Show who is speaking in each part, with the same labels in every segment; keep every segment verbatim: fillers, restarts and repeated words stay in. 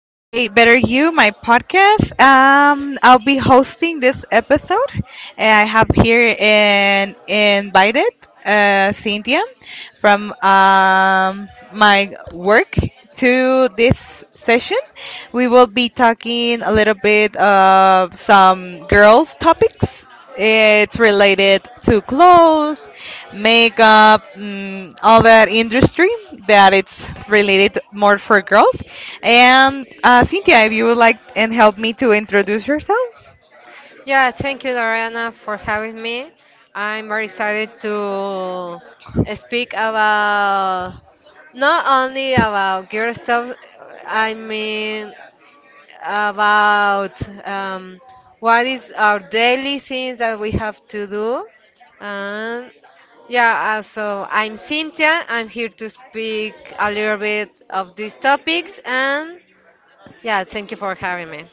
Speaker 1: A Better You, my podcast. Um, I'll be hosting this episode, and I have here an invited uh, Cynthia from um, my work to this session. We will be talking a little bit of some girls' topics. It's related to clothes, makeup, mm, all that industry that it's related more for girls. And uh, Cynthia, if you would like and help me to introduce yourself.
Speaker 2: Yeah, thank you, Dariana, for having me. I'm very excited to speak about not only about girl stuff, I mean about um, what is our daily things that we have to do. And yeah, uh, so I'm Cynthia. I'm here to speak a little bit of these topics. And yeah, thank you for having me.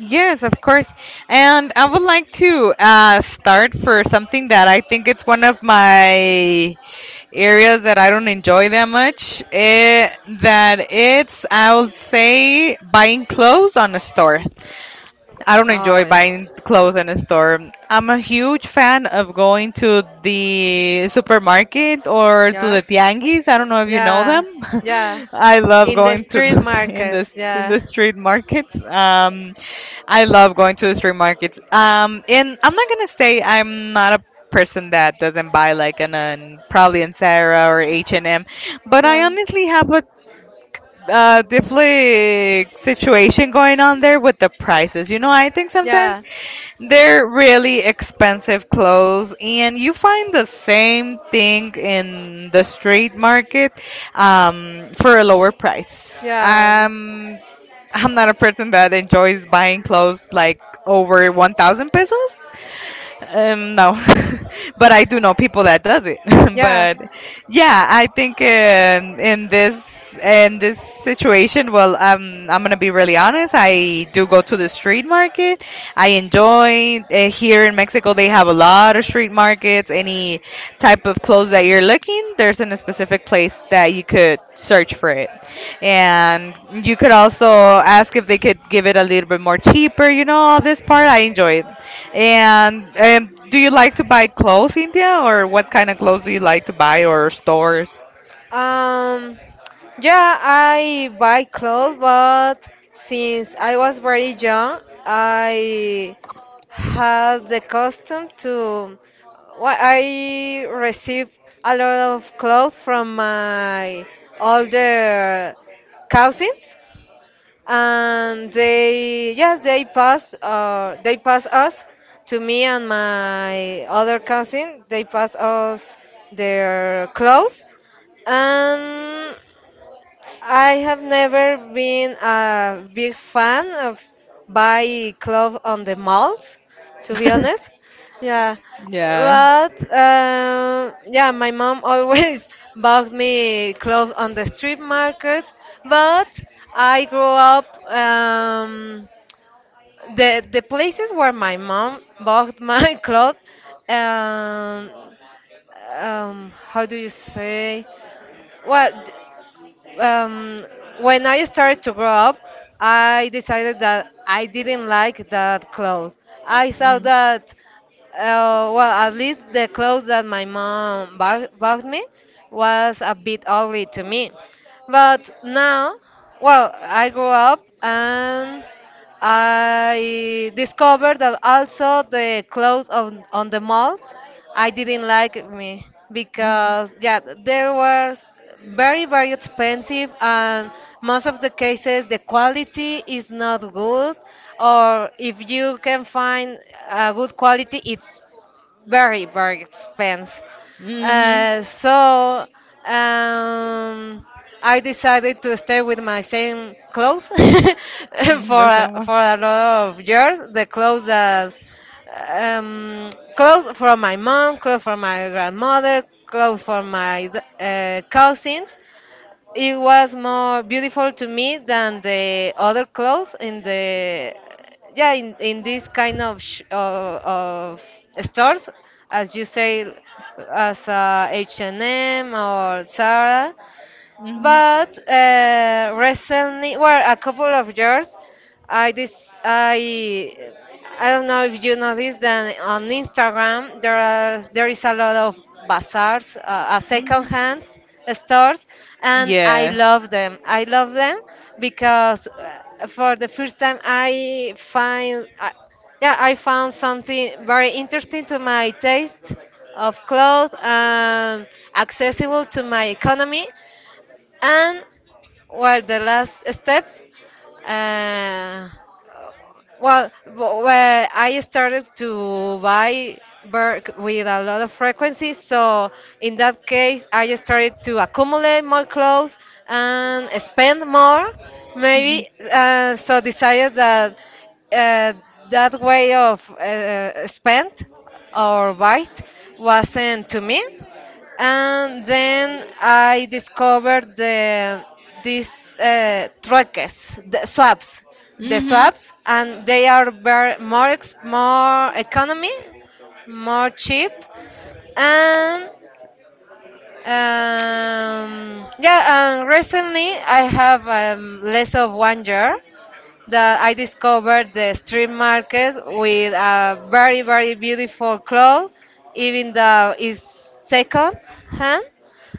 Speaker 1: Yes, of course. And I would like to uh, start for something that I think it's one of my areas that I don't enjoy that much. It, that it's, I would say, buying clothes on a store. I don't
Speaker 2: Oh,
Speaker 1: enjoy
Speaker 2: Yeah.
Speaker 1: buying clothes in a store. I'm a huge fan of going to the supermarket or to
Speaker 2: Yeah.
Speaker 1: the tianguis. I don't know if you know
Speaker 2: Yeah.
Speaker 1: them.
Speaker 2: Yeah.
Speaker 1: I love
Speaker 2: In the
Speaker 1: going to
Speaker 2: street
Speaker 1: the, in the
Speaker 2: markets.
Speaker 1: in
Speaker 2: Yeah.
Speaker 1: the street markets. Um, I love going to the street markets. Um, and I'm not gonna say I'm not a person that doesn't buy like an, an probably in Sarah or H and M, but I
Speaker 2: Yeah.
Speaker 1: honestly have a uh definitely situation going on there with the prices. You know, I think sometimes
Speaker 2: Yeah.
Speaker 1: they're really expensive clothes and you find the same thing in the street market um for a lower price.
Speaker 2: Yeah.
Speaker 1: Um I'm not a person that enjoys buying clothes like over one thousand pesos, um no. But I do know people that does it.
Speaker 2: Yeah.
Speaker 1: But yeah, I think um, in this in this situation, well, um, I'm gonna be really honest, I do go to the street market. I enjoy, uh, here in Mexico they have a lot of street markets. Any type of clothes that you're looking, there's in a specific place that you could search for it, and you could also ask if they could give it a little bit more cheaper. You know, all this part I enjoy. And um, do you like to buy clothes, India, or what kind of clothes do you like to buy, or stores?
Speaker 2: Um, yeah, I buy clothes, but since I was very young, I had the custom to. Well, I received a lot of clothes from my older cousins, and they, yeah, they pass, uh, they pass us to me and my other cousin. They pass us their clothes. um, I have never been a big fan of buy clothes on the malls, to be honest. Yeah,
Speaker 1: Yeah.
Speaker 2: but um, yeah, my mom always bought me clothes on the street markets. But I grew up. um, the the places where my mom bought my clothes. Um, um, how do you say? What? um, when I started to grow up, I decided that I didn't like that clothes. I thought
Speaker 1: Mm,
Speaker 2: that, uh, well, at least the clothes that my mom bought, bought me was a bit ugly to me. But now, well, I grew up and I discovered that also the clothes on, on the malls I didn't like me
Speaker 1: mm,
Speaker 2: because yeah, they were very very expensive and most of the cases the quality is not good, or if you can find a good quality it's very very expensive.
Speaker 1: mhm.
Speaker 2: Uh, so um, I decided to stay with my same clothes
Speaker 1: Mm.
Speaker 2: for
Speaker 1: The
Speaker 2: a-
Speaker 1: same one.
Speaker 2: for a lot of years. The clothes that. um, Clothes from my mom, clothes from my grandmother, clothes from my d- uh, cousins. It was more beautiful to me than the other clothes in the yeah, in, in this kind of sh- of, of stores, as you say, as uh, H and M or Zara.
Speaker 1: Mm-hmm.
Speaker 2: But uh, recently, well, a couple of years, I this I I don't know if you noticed that on Instagram there are There is a lot of bazaars, uh, uh, second
Speaker 1: Mm.
Speaker 2: hand stores, and I
Speaker 1: Yeah.
Speaker 2: love them. I love them because uh, for the first time I find I, yeah, I found something very interesting to my taste of clothes and accessible to my economy. And well, the last step, uh, well, w- where I started to buy Berg with a lot of frequency. So in that case, I started to accumulate more clothes and spend more, maybe. Uh, so decided that. uh, that way of uh, spend or buy wasn't to me. And then I discovered the These uh, truques, the swaps, the
Speaker 1: Mm-hmm.
Speaker 2: swaps, and they are very, more ex- more economy, more cheap. And um, yeah. And recently I have, um, less of one year that I discovered the street market with a very, very beautiful cloth, even though it's second hand.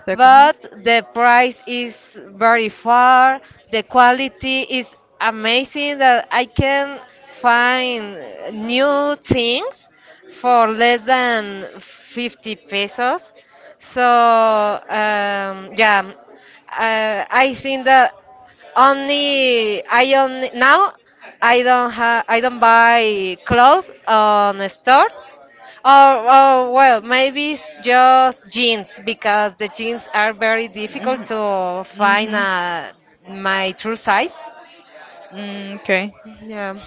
Speaker 1: Second one.
Speaker 2: But the price is very far. The quality is amazing that I can find new things for less than fifty pesos. So um, yeah, uh, I think that only I only now I don't have I don't buy clothes on the stores. Or, or, well, maybe it's just jeans because the jeans are very difficult to find,
Speaker 1: Mm-hmm.
Speaker 2: uh, my true size.
Speaker 1: Mm, okay.
Speaker 2: Yeah.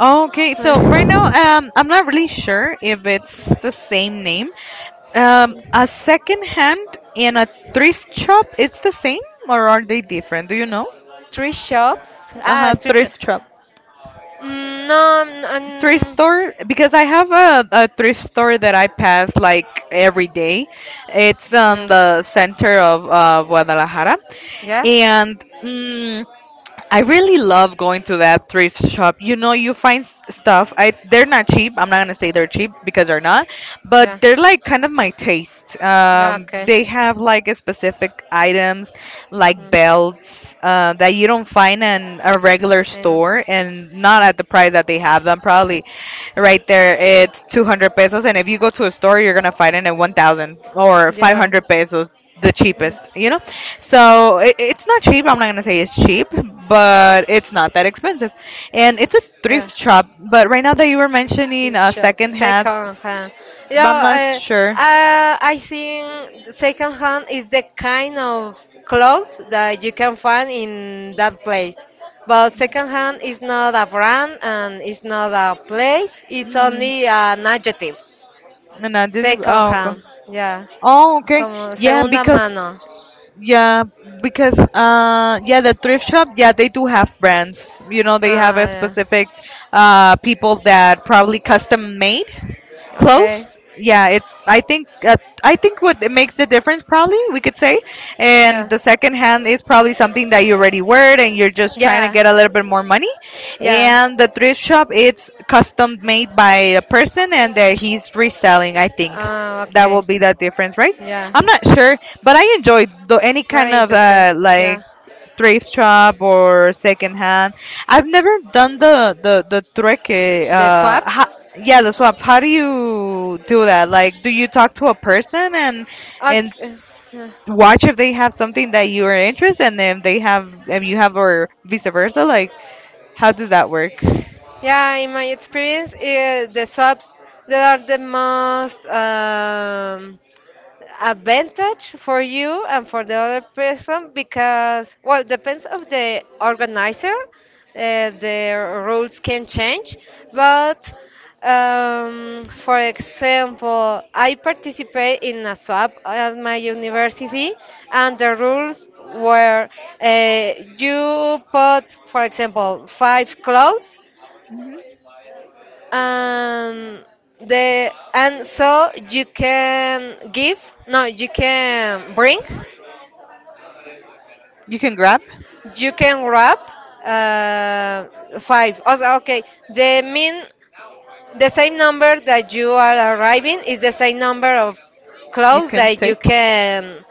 Speaker 1: Okay, so right now, um, I'm not really sure if it's the same name. Um, a second hand and a thrift shop, it's the same, or are they different? Do you know?
Speaker 2: Three shops. Ah,
Speaker 1: Uh-huh.
Speaker 2: thrift
Speaker 1: Thrift
Speaker 2: shops.
Speaker 1: shop.
Speaker 2: Mm, no.
Speaker 1: Thrift
Speaker 2: um,
Speaker 1: store, because I have a, a thrift store that I pass like every day. It's on
Speaker 2: yeah,
Speaker 1: the center of uh, Guadalajara,
Speaker 2: yeah,
Speaker 1: and mm, I really love going to that thrift shop. You know, you find s- stuff. I they're not cheap. I'm not gonna say they're cheap because they're not, but
Speaker 2: yeah,
Speaker 1: they're like kind of my taste.
Speaker 2: yeah.
Speaker 1: Um,
Speaker 2: Okay.
Speaker 1: they have like a specific items, like
Speaker 2: Mm.
Speaker 1: belts, uh, that you don't find in a regular
Speaker 2: And
Speaker 1: store, and not at the price that they have them. Probably right there, it's two hundred pesos, and if you go to a store, you're gonna find it at one thousand or
Speaker 2: yeah,
Speaker 1: five hundred pesos, the
Speaker 2: mm,
Speaker 1: cheapest. You know, so it, it's not cheap. I'm not gonna say it's cheap, but it's not that expensive, and it's a
Speaker 2: yeah.
Speaker 1: thrift shop. But right now that you were mentioning
Speaker 2: It
Speaker 1: a
Speaker 2: shop
Speaker 1: second hat,
Speaker 2: second hand.
Speaker 1: but I'm not
Speaker 2: Yeah, uh,
Speaker 1: sure.
Speaker 2: uh, I think the second hand is the kind of clothes that you can find in that place. But second hand is not a brand and it's not a place. It's
Speaker 1: Mm,
Speaker 2: only an adjective.
Speaker 1: no, this is,
Speaker 2: Second
Speaker 1: oh, okay.
Speaker 2: hand. Yeah.
Speaker 1: Oh, okay.
Speaker 2: Como
Speaker 1: Yeah,
Speaker 2: segunda
Speaker 1: because
Speaker 2: mano.
Speaker 1: yeah, because uh, yeah, the thrift shop, yeah, they do have brands. You know, they have
Speaker 2: Ah,
Speaker 1: a
Speaker 2: yeah.
Speaker 1: specific uh people that probably custom made
Speaker 2: Okay.
Speaker 1: close. Yeah, it's, I think, uh, I think what it makes the difference, probably we could say, and
Speaker 2: Yeah.
Speaker 1: the second hand is probably something that you already wear and you're just trying to
Speaker 2: Yeah.
Speaker 1: get a little bit more money,
Speaker 2: Yeah.
Speaker 1: and the thrift shop, it's custom made by a person and that he's reselling, I think
Speaker 2: Ah,
Speaker 1: that
Speaker 2: okay.
Speaker 1: will be that difference, right?
Speaker 2: Yeah.
Speaker 1: I'm not sure, but I enjoy the, any kind
Speaker 2: Very
Speaker 1: of
Speaker 2: interesting.
Speaker 1: uh,
Speaker 2: Yeah.
Speaker 1: like thrift shop or second hand. I've never done the the the trick. eh,
Speaker 2: The
Speaker 1: Uh,
Speaker 2: swaps?
Speaker 1: ho- yeah, the swaps. How do you do that? Like, do you talk to a person and and
Speaker 2: Okay.
Speaker 1: watch if they have something that you are interested in, if they have, if you have, or vice versa? Like, how does that work?
Speaker 2: Yeah, in my experience, eh, the swaps that are the most, um, advantage for you and for the other person, because well, depends of the organizer. Uh, the rules can change, but um, for example, I participate in a swap at my university, and the rules were. uh, you put, for example, five clothes,
Speaker 1: Hmm.
Speaker 2: um, the and so you can give, no, you can bring,
Speaker 1: You can grab,
Speaker 2: you can wrap uh, five. Also, okay, the mean the same number that you are arriving is the same number of
Speaker 1: you
Speaker 2: clothes
Speaker 1: can
Speaker 2: that you
Speaker 1: take,
Speaker 2: can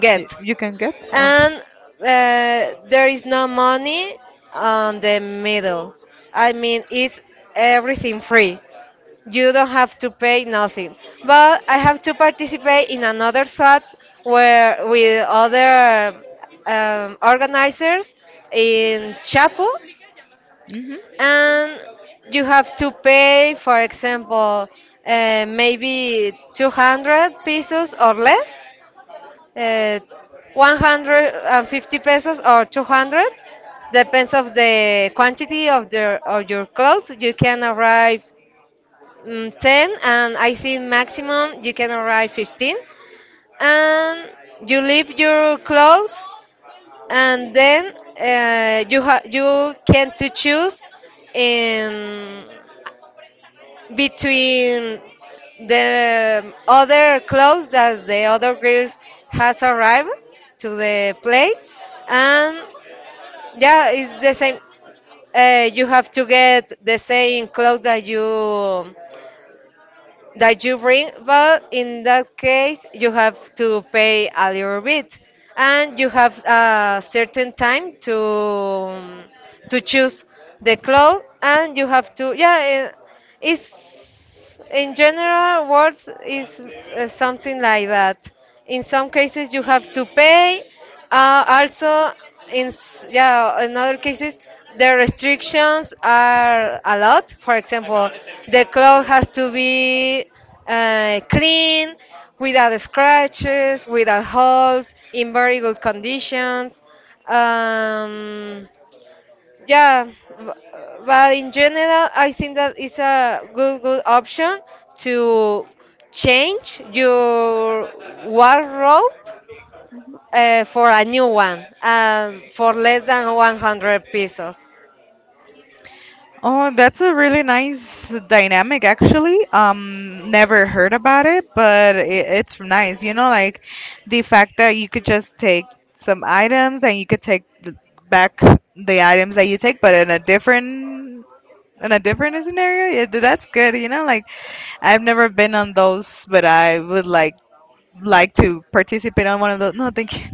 Speaker 2: get,
Speaker 1: you, you can get.
Speaker 2: and uh, there is no money on the middle. I mean, it's everything free. You don't have to pay nothing. But I have to participate in another swaps where with other, um, organizers in Chapu,
Speaker 1: Okay.
Speaker 2: and you have to pay, for example, uh, maybe two hundred pesos or less, uh, one hundred fifty pesos or two hundred, depends of the quantity of the of your clothes you can arrive. mm, ten, and I think maximum you can arrive fifteen, and you leave your clothes, and then uh, you ha- you can to choose in between the other clothes that the other girls has arrived to the place. And yeah, it's the same. Uh, you have to get the same clothes that you that you bring, but in that case, you have to pay a little bit, and you have a certain time to to choose the cloth, and you have to, yeah. Eh, it's in general words is uh, something like that. In some cases you have to pay. Uh, also, in s- yeah, in other cases the restrictions are a lot. For example, the cloth has to be uh, clean, without scratches, without holes, in very good conditions. Um, yeah, b- but in general, I think that it's a good good option to change your wardrobe, uh, for a new one, and for less than one hundred pesos.
Speaker 1: Oh, that's a really nice dynamic, actually. Um, never heard about it, but it, it's nice. You know, like the fact that you could just take some items and you could take th- back the items that you take, but in a different in a different scenario. Yeah, th- that's good. You know, like I've never been on those, but I would like like to participate on one of those. No, thank you.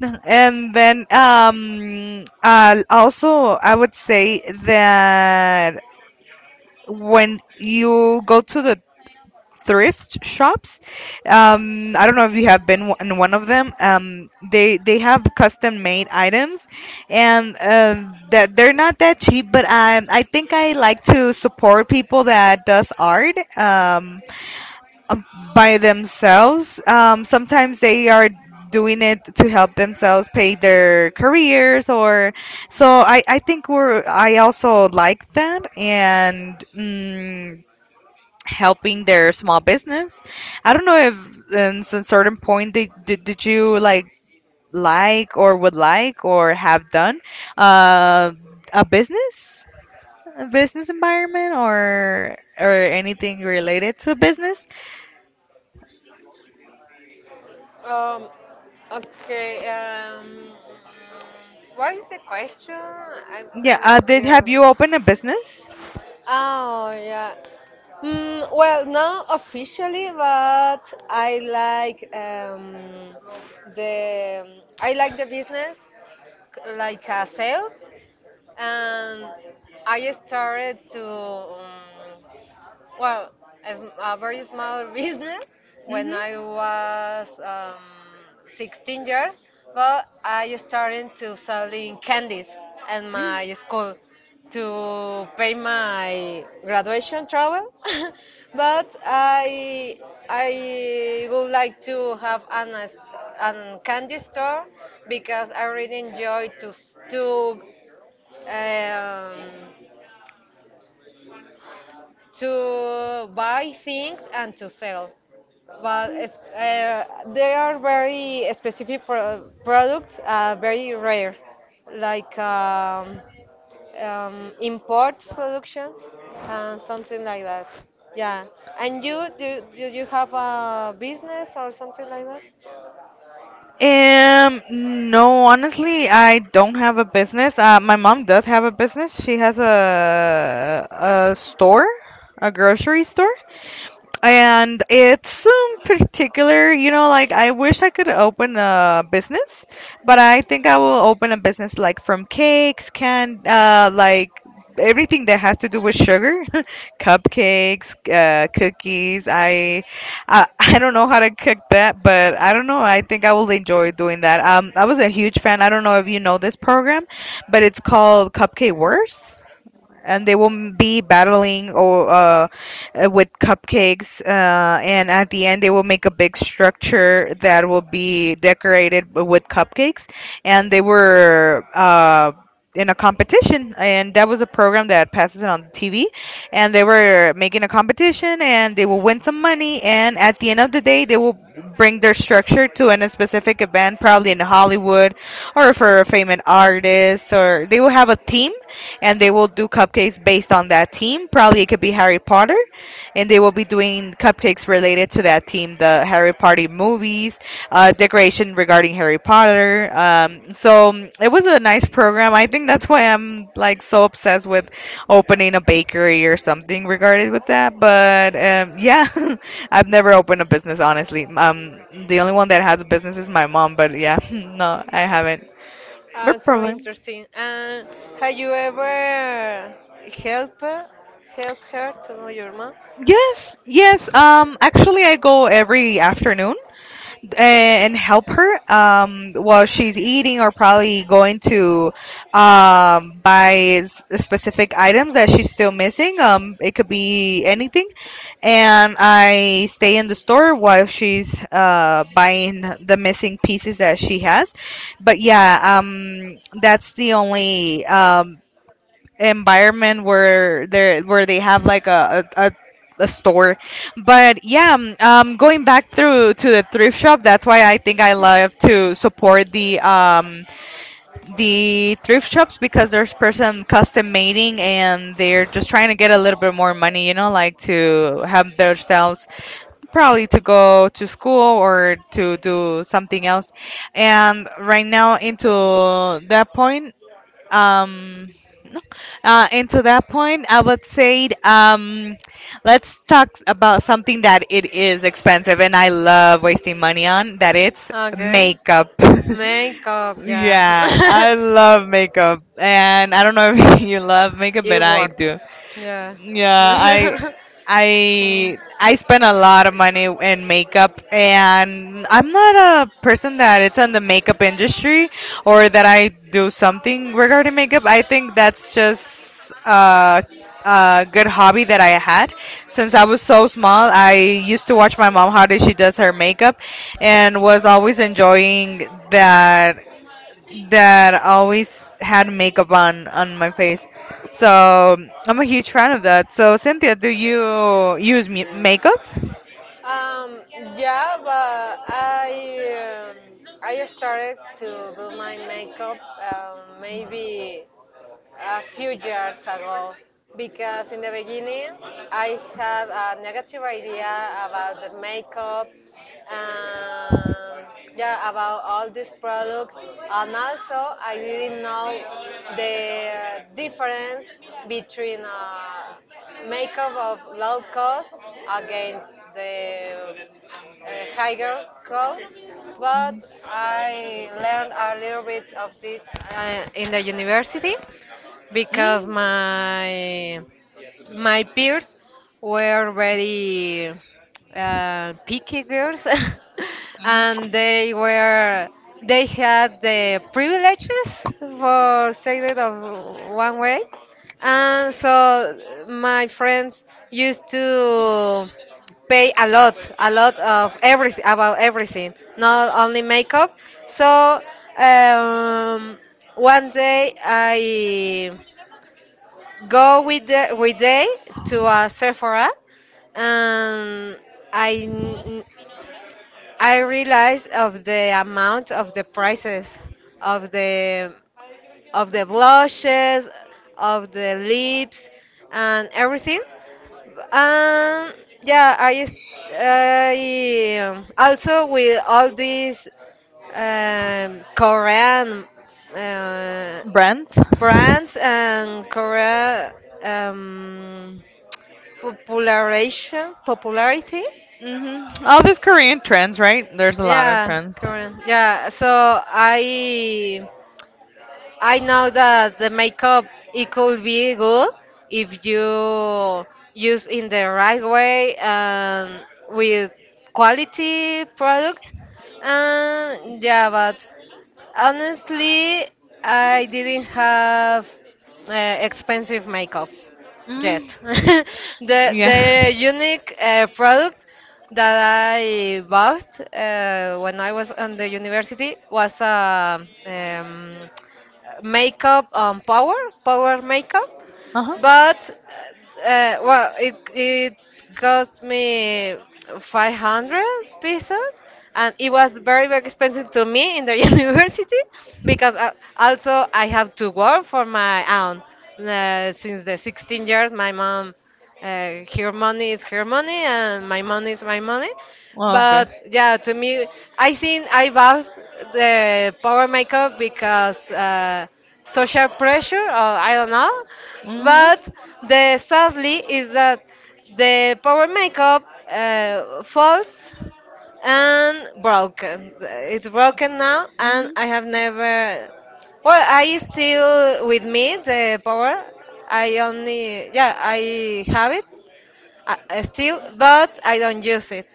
Speaker 1: No. And then um, uh, also I would say that when you go to the thrift shops, um I don't know if you have been in one of them. um they they have custom made items, and um that they're not that cheap, but i i think I like to support people that does art. um um, by themselves. um sometimes they are doing it to help themselves pay their careers or so. i i think we're, I also like that, and mm helping their small business. I don't know if um, since certain point did, did did you like like or would like or have done uh, a business, a business environment or or anything related to business.
Speaker 2: Um, okay, um, what is the question? I'm,
Speaker 1: Yeah,
Speaker 2: I'm
Speaker 1: uh,
Speaker 2: not
Speaker 1: did
Speaker 2: clear.
Speaker 1: have you opened a business?
Speaker 2: Oh, yeah. Mm, well, not officially, but I like. Um, the I like the business, c- like uh, sales. And I started to, um, well, a, a very small business when
Speaker 1: Mhm.
Speaker 2: I was, um, sixteen years, but I started to selling candies at
Speaker 1: Mm.
Speaker 2: my school to pay my graduation travel. But I I would like to have an, a s- an candy store, because I really enjoy to s- to um, to buy things and to sell. But it's, uh, they are very specific pro- products, uh, very rare, like um, um, import productions and something like that. Yeah. And you, do, do you have a business or something like that?
Speaker 1: Um, no, honestly, I don't have a business. Uh, my mom does have a business. She has a a store, a grocery store. And it's um, particular. You know, like I wish I could open a business, but I think I will open a business like from cakes, can, uh like everything that has to do with sugar. Cupcakes, uh, cookies. I, uh, I don't know how to cook that, but I don't know, I think I will enjoy doing that. um I was a huge fan, I don't know if you know this program, but it's called Cupcake Wars, and they will be battling, or uh, uh, with cupcakes, uh, and at the end they will make a big structure that will be decorated with cupcakes, and they were uh, in a competition, and that was a program that passes it on TV, and they were making a competition and they will win some money, and at the end of the day they will bring their structure to an- a specific event, probably in Hollywood, or for a famous artist, or they will have a team, and they will do cupcakes based on that team. Probably it could be Harry Potter, and they will be doing cupcakes related to that team, the Harry Potter movies, uh, decoration regarding Harry Potter. Um, so mm, it was a nice program. I think that's why I'm like so obsessed with opening a bakery or something regarded with that. But um, yeah, I've never opened a business honestly. Um, the only one that has a business is my mom, but yeah, no, I haven't.
Speaker 2: Ah,
Speaker 1: But
Speaker 2: so
Speaker 1: probably.
Speaker 2: interesting. And have you ever help her, help her to know your mom?
Speaker 1: Yes, yes. Um, actually, I go every afternoon, eh, and help her um, while she's eating or probably going to um, buy s- specific items that she's still missing. Um, it could be anything. And I stay in the store while she's uh, buying the missing pieces that she has. But yeah, um, that's the only um, environment where they where they have like a, a, a a store. But yeah, um um, going back through to the thrift shop, that's why I think I love to support the um the thrift shops, because there's person custom mating and they're just trying to get a little bit more money, you know, like to have themselves, probably to go to school or to do something else, and right now into that point, um uh, and to that point, I would say, um, let's talk about something that it is expensive, and I love wasting money on that. It's
Speaker 2: Okay.
Speaker 1: makeup.
Speaker 2: Makeup, yeah.
Speaker 1: Yeah, I love makeup, and I don't know if you love makeup, but
Speaker 2: It
Speaker 1: I
Speaker 2: works.
Speaker 1: do.
Speaker 2: Yeah.
Speaker 1: Yeah, I
Speaker 2: Mm.
Speaker 1: I I spend a lot of money in makeup, and I'm not a person that it's in the makeup industry or that I do something regarding makeup. I think that's just a, a good hobby that I had since I was so small. I used to watch my mom how did she does her makeup, and was always enjoying that, that always had makeup on on my face. So I'm a huge fan of that. So Cynthia, do you use mu- makeup?
Speaker 2: Um, yeah, but I um, I started to do my makeup, um, maybe a few years ago, because in the beginning I had a negative idea about the makeup and yeah about all these products. And also I didn't know the difference between uh, makeup of low cost against the uh, higher cost. But I learned a little bit of this uh, in the university, because
Speaker 1: mm,
Speaker 2: my my peers were very uh, picky girls, and they were they had the privileges, for say it of one way. And so my friends used to pay a lot a lot of everything, about everything, not only makeup. So um, one day I go with the with they to a Sephora, and I n- I realized of the amount of the prices of the of the blushes, of the lips, and everything. Um, yeah, I is- I um, also with all these, um, Korean uh,
Speaker 1: Brands?
Speaker 2: brands, and Korea, um, popularization popularity.
Speaker 1: Hmm. All these Korean trends, right? There's a lot of
Speaker 2: Yeah,
Speaker 1: trends.
Speaker 2: Korean, yeah. So I I know that the makeup, it could be good if you use in the right way and with quality products. And yeah, but honestly, I didn't have uh, expensive makeup yet.
Speaker 1: Mm,
Speaker 2: the
Speaker 1: yeah.
Speaker 2: the unique uh, product that I bought uh, when I was on the university was a, um, makeup, um, power power makeup.
Speaker 1: Uh huh.
Speaker 2: But uh, well, it it cost me five hundred pesos, and it was very very expensive to me in the university, because uh, also I have to work for my own. Uh, since the sixteen years, my mom, uh, her money is her money, and my money is my money.
Speaker 1: Oh, okay.
Speaker 2: But yeah, to me, I think I bought the power makeup because uh, social pressure, or I don't know.
Speaker 1: Mhm.
Speaker 2: But the sadly is that the power makeup uh, falls and broken. It's broken now, and
Speaker 1: Mhm.
Speaker 2: I have never. Well, I still with me the power. I only yeah I have it uh, uh, still, but I don't use it.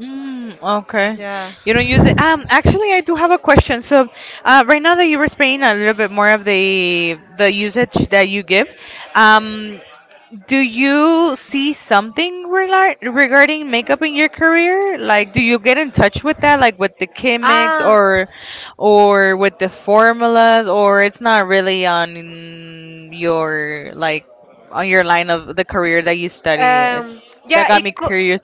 Speaker 1: Mm, okay.
Speaker 2: Yeah.
Speaker 1: You don't use it. Um, actually, I do have a question. So, uh, right now that you were explaining a little bit more of the the usage that you give, um, do you see something regar- regarding makeup in your career? Like, do you get in touch with that, like with the chemics,
Speaker 2: Ah,
Speaker 1: or, or with the formulas, or it's not really on your, like, on your line of the career that you study? It,
Speaker 2: um,
Speaker 1: that
Speaker 2: yeah,
Speaker 1: got
Speaker 2: it
Speaker 1: me
Speaker 2: could.
Speaker 1: curious.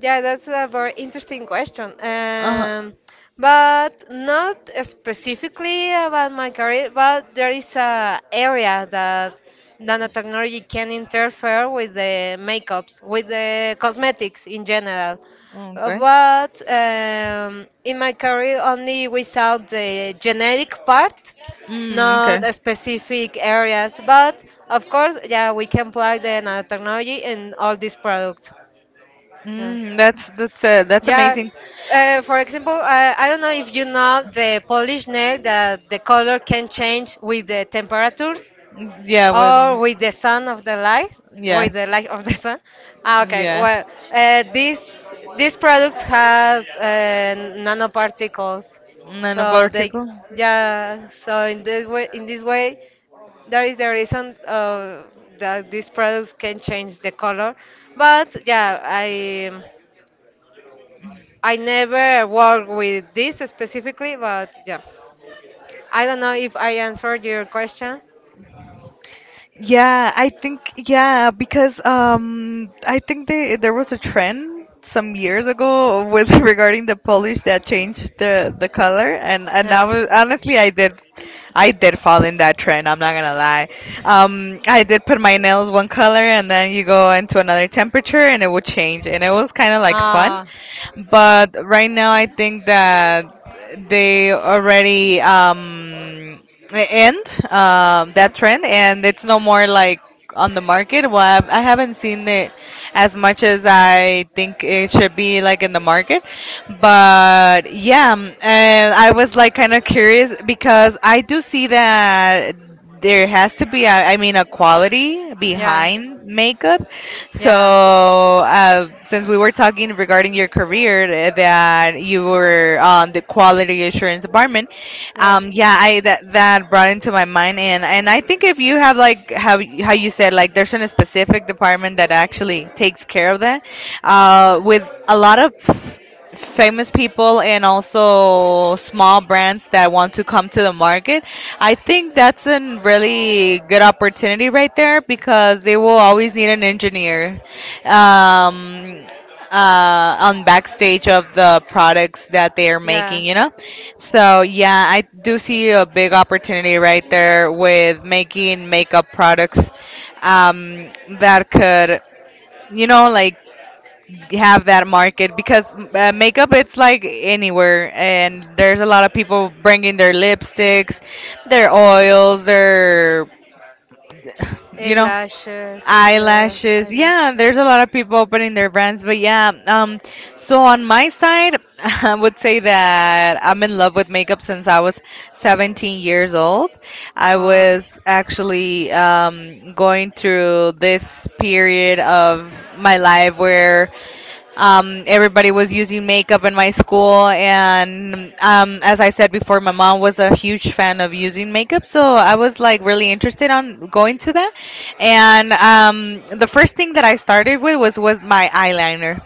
Speaker 2: Yeah, that's a very interesting question.
Speaker 1: Uh huh.
Speaker 2: Um, but not specifically about my career, but there is a area that nanotechnology can interfere with the makeups, with the cosmetics in general. Uh,
Speaker 1: Okay.
Speaker 2: But um, in my career, only without the genetic part,
Speaker 1: Mm, okay.
Speaker 2: not a specific areas. But of course, yeah, we can apply the nanotechnology in all these products. Yeah.
Speaker 1: Mm, that's that's uh, that's
Speaker 2: Yeah.
Speaker 1: amazing.
Speaker 2: Uh, for example, uh, I don't know if you know the Polish nail, that the color can change with the temperatures,
Speaker 1: Mm, yeah.
Speaker 2: or
Speaker 1: Well.
Speaker 2: with the sun of the light, with
Speaker 1: Yes.
Speaker 2: the light of the sun. Ah, okay.
Speaker 1: Yeah.
Speaker 2: Well, uh, this this product has uh, nanoparticles,
Speaker 1: None
Speaker 2: so
Speaker 1: about
Speaker 2: they,
Speaker 1: particle.
Speaker 2: yeah. So in this way, in this way, that is the reason uh, that these products can change the color. But yeah, I. I never work with this specifically, but yeah. I don't know if I answered your question.
Speaker 1: Yeah, I think yeah, because um I think they there was a trend some years ago with regarding the polish that changed the the color, and and I
Speaker 2: Yeah.
Speaker 1: was honestly I did I did fall in that trend, I'm not gonna lie. Um I did put my nails one color, and then you go into another temperature and it would change, and it was kind of like fun.
Speaker 2: ah,
Speaker 1: But right now, I think that they already um, end um,
Speaker 2: yeah.
Speaker 1: that trend, and it's no more like on the market. Well, I've- I haven't seen it as much as I think it should be like in the market. But yeah, um, and I was like kind of curious, because I do see that there has to be a, I mean, a quality
Speaker 2: Yeah.
Speaker 1: behind makeup. So,
Speaker 2: Yeah.
Speaker 1: uh, since we were talking regarding your career, uh, that you were on the quality assurance department,
Speaker 2: Yeah.
Speaker 1: um, yeah, I that that brought into my mind. and and I think if you have like how how you said, like, there's a specific department that actually takes care of that, uh, with a lot of famous people and also small brands that want to come to the market, I think that's a really good opportunity right there, because they will always need an engineer, um, uh, on backstage of the products that they are
Speaker 2: Yeah.
Speaker 1: making, you know? So, yeah, I do see a big opportunity right there with making makeup products um, that could, you know, like, have that market, because uh, makeup it's like anywhere, and there's a lot of people bringing their lipsticks, their oils, their, you know,
Speaker 2: Eyelashes. Uh,
Speaker 1: eyelashes.
Speaker 2: eyelash.
Speaker 1: Yeah, there's a lot of people opening their brands. But yeah, um so on my side, I would say that I'm in love with makeup since I was seventeen years old. I
Speaker 2: Ah,
Speaker 1: was actually um going through this period of my life where um, everybody was using makeup in my school, and um, as I said before, my mom was a huge fan of using makeup, so I was like really interested on going to that. And um, the first thing that I started with was was my eyeliner,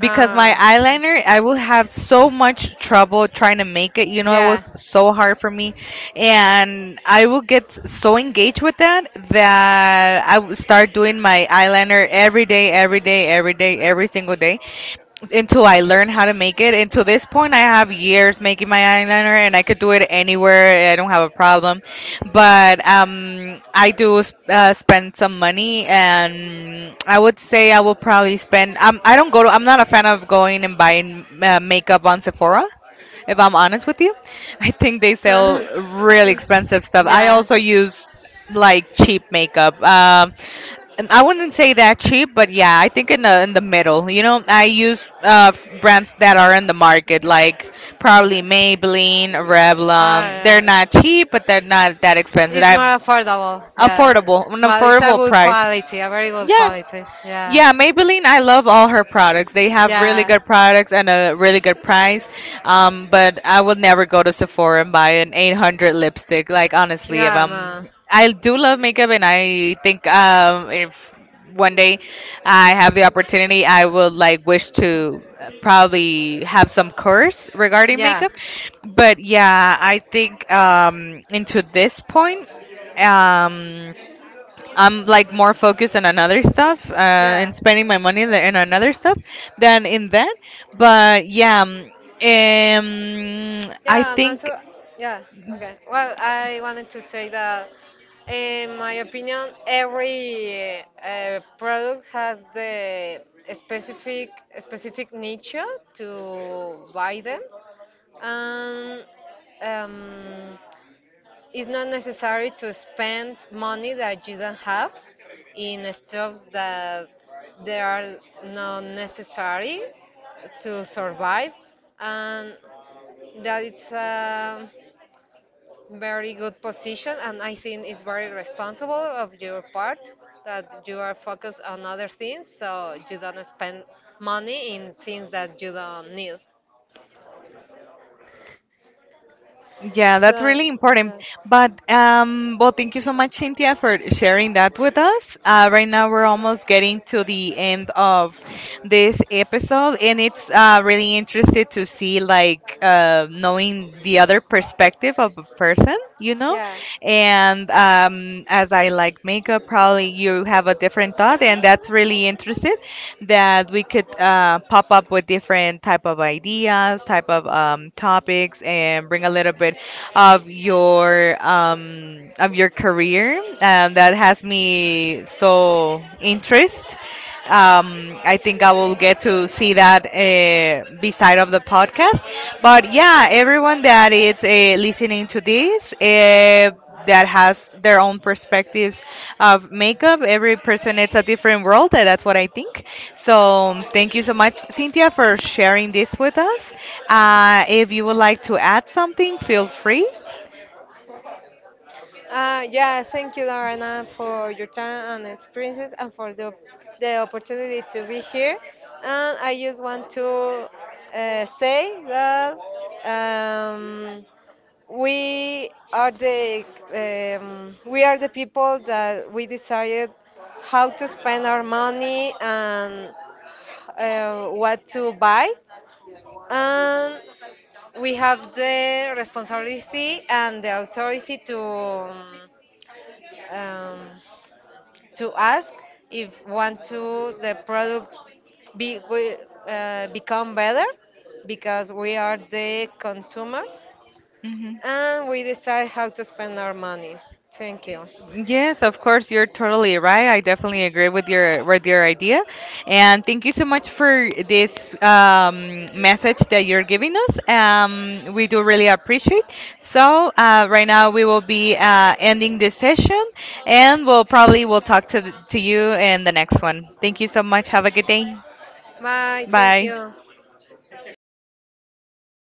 Speaker 1: because my eyeliner I will have so much trouble trying to make it. You know, it
Speaker 2: yeah.
Speaker 1: was so hard for me, and I will get so engaged with that, that I would start doing my eyeliner every day, every day, every day, every single day, until I learn how to make it. Until this point, I have years making my eyeliner, and I could do it anywhere. I don't have a problem. But um, I do s- uh, spend some money, and I would say I will probably spend. Um, I don't go to. I'm not a fan of going and buying uh, makeup on Sephora, if I'm honest with you. I think they sell really expensive stuff. I
Speaker 2: Yeah.
Speaker 1: also use like cheap makeup. Um, and I wouldn't say that cheap, but yeah, I think in the in the middle. You know, I use uh f- brands that are in the market, like probably Maybelline,
Speaker 2: Ah,
Speaker 1: Revlon. They're
Speaker 2: yeah.
Speaker 1: not cheap, but they're not that expensive.
Speaker 2: It's
Speaker 1: I've
Speaker 2: more affordable. Yeah.
Speaker 1: affordable, an
Speaker 2: But it's a
Speaker 1: affordable
Speaker 2: good
Speaker 1: price.
Speaker 2: quality, a very good
Speaker 1: Yeah,
Speaker 2: quality. Yeah.
Speaker 1: yeah, Maybelline, I love all her products. They have really
Speaker 2: Yeah.
Speaker 1: good products and a really good price. Um, but I will never go to Sephora and buy an eight hundred lipstick. Like honestly, if
Speaker 2: Yeah,
Speaker 1: I'm,
Speaker 2: no.
Speaker 1: I do love makeup, and I think um, if one day I have the opportunity, I will like wish to probably have some course regarding
Speaker 2: Yeah,
Speaker 1: makeup. But yeah, I think um, into this point. Um, I'm like more focused on another stuff, uh,
Speaker 2: yeah,
Speaker 1: and spending my money th- in another stuff than in that. But yeah, um, um, I
Speaker 2: yeah, and
Speaker 1: think.
Speaker 2: also, yeah, okay. Well, I wanted to say that, in my opinion, every uh, product has the specific specific niche to buy them, and um, it's not necessary to spend money that you don't have in stuffs that they are not necessary to survive, and that it's a very good position, and I think it's very responsible of your part that you are focused on other things, so you don't spend money in things that you don't need.
Speaker 1: Yeah, that's
Speaker 2: So
Speaker 1: really important.
Speaker 2: yeah,
Speaker 1: But um, well, thank you so much, Cynthia, for sharing that with us. Uh, right now, we're almost getting to the end of this episode, and it's uh, really interested to see like, uh, knowing the other perspective of a person, you know.
Speaker 2: yeah.
Speaker 1: And um, as I like makeup, probably you have a different thought, and that's really interesting that we could uh, pop up with different type of ideas, type of, um, topics, and bring a little bit of your, um, of your career. And that has me so interest. Um, I think I will get to see that uh, beside of the podcast. But yeah, everyone that is uh, listening to this. Uh, that has their own perspectives of makeup. Every person it's a different world, and that's what I think. So thank you so much, Cynthia, for sharing this with us. Uh, if you would like to add something, feel free.
Speaker 2: Uh, yeah, thank you, Lorena, for your time and experiences, and for the, the opportunity to be here. And I just want to uh, say that. Um, We are the um, we are the people that we decided how to spend our money, and uh, what to buy. And we have the responsibility and the authority to um, um, to ask, if want to the products be, we, uh, become better, because we are the consumers,
Speaker 1: Hmm.
Speaker 2: and we decide how to spend our money. Thank you.
Speaker 1: Yes, of course, you're totally right. I definitely agree with your with your idea, and thank you so much for this um, message that you're giving us. Um, we do really appreciate. So uh, right now we will be uh, ending this session, and we'll probably will talk to to you in the next one. Thank you so much. Have a good day.
Speaker 2: Bye. Thank
Speaker 1: Bye.
Speaker 2: you.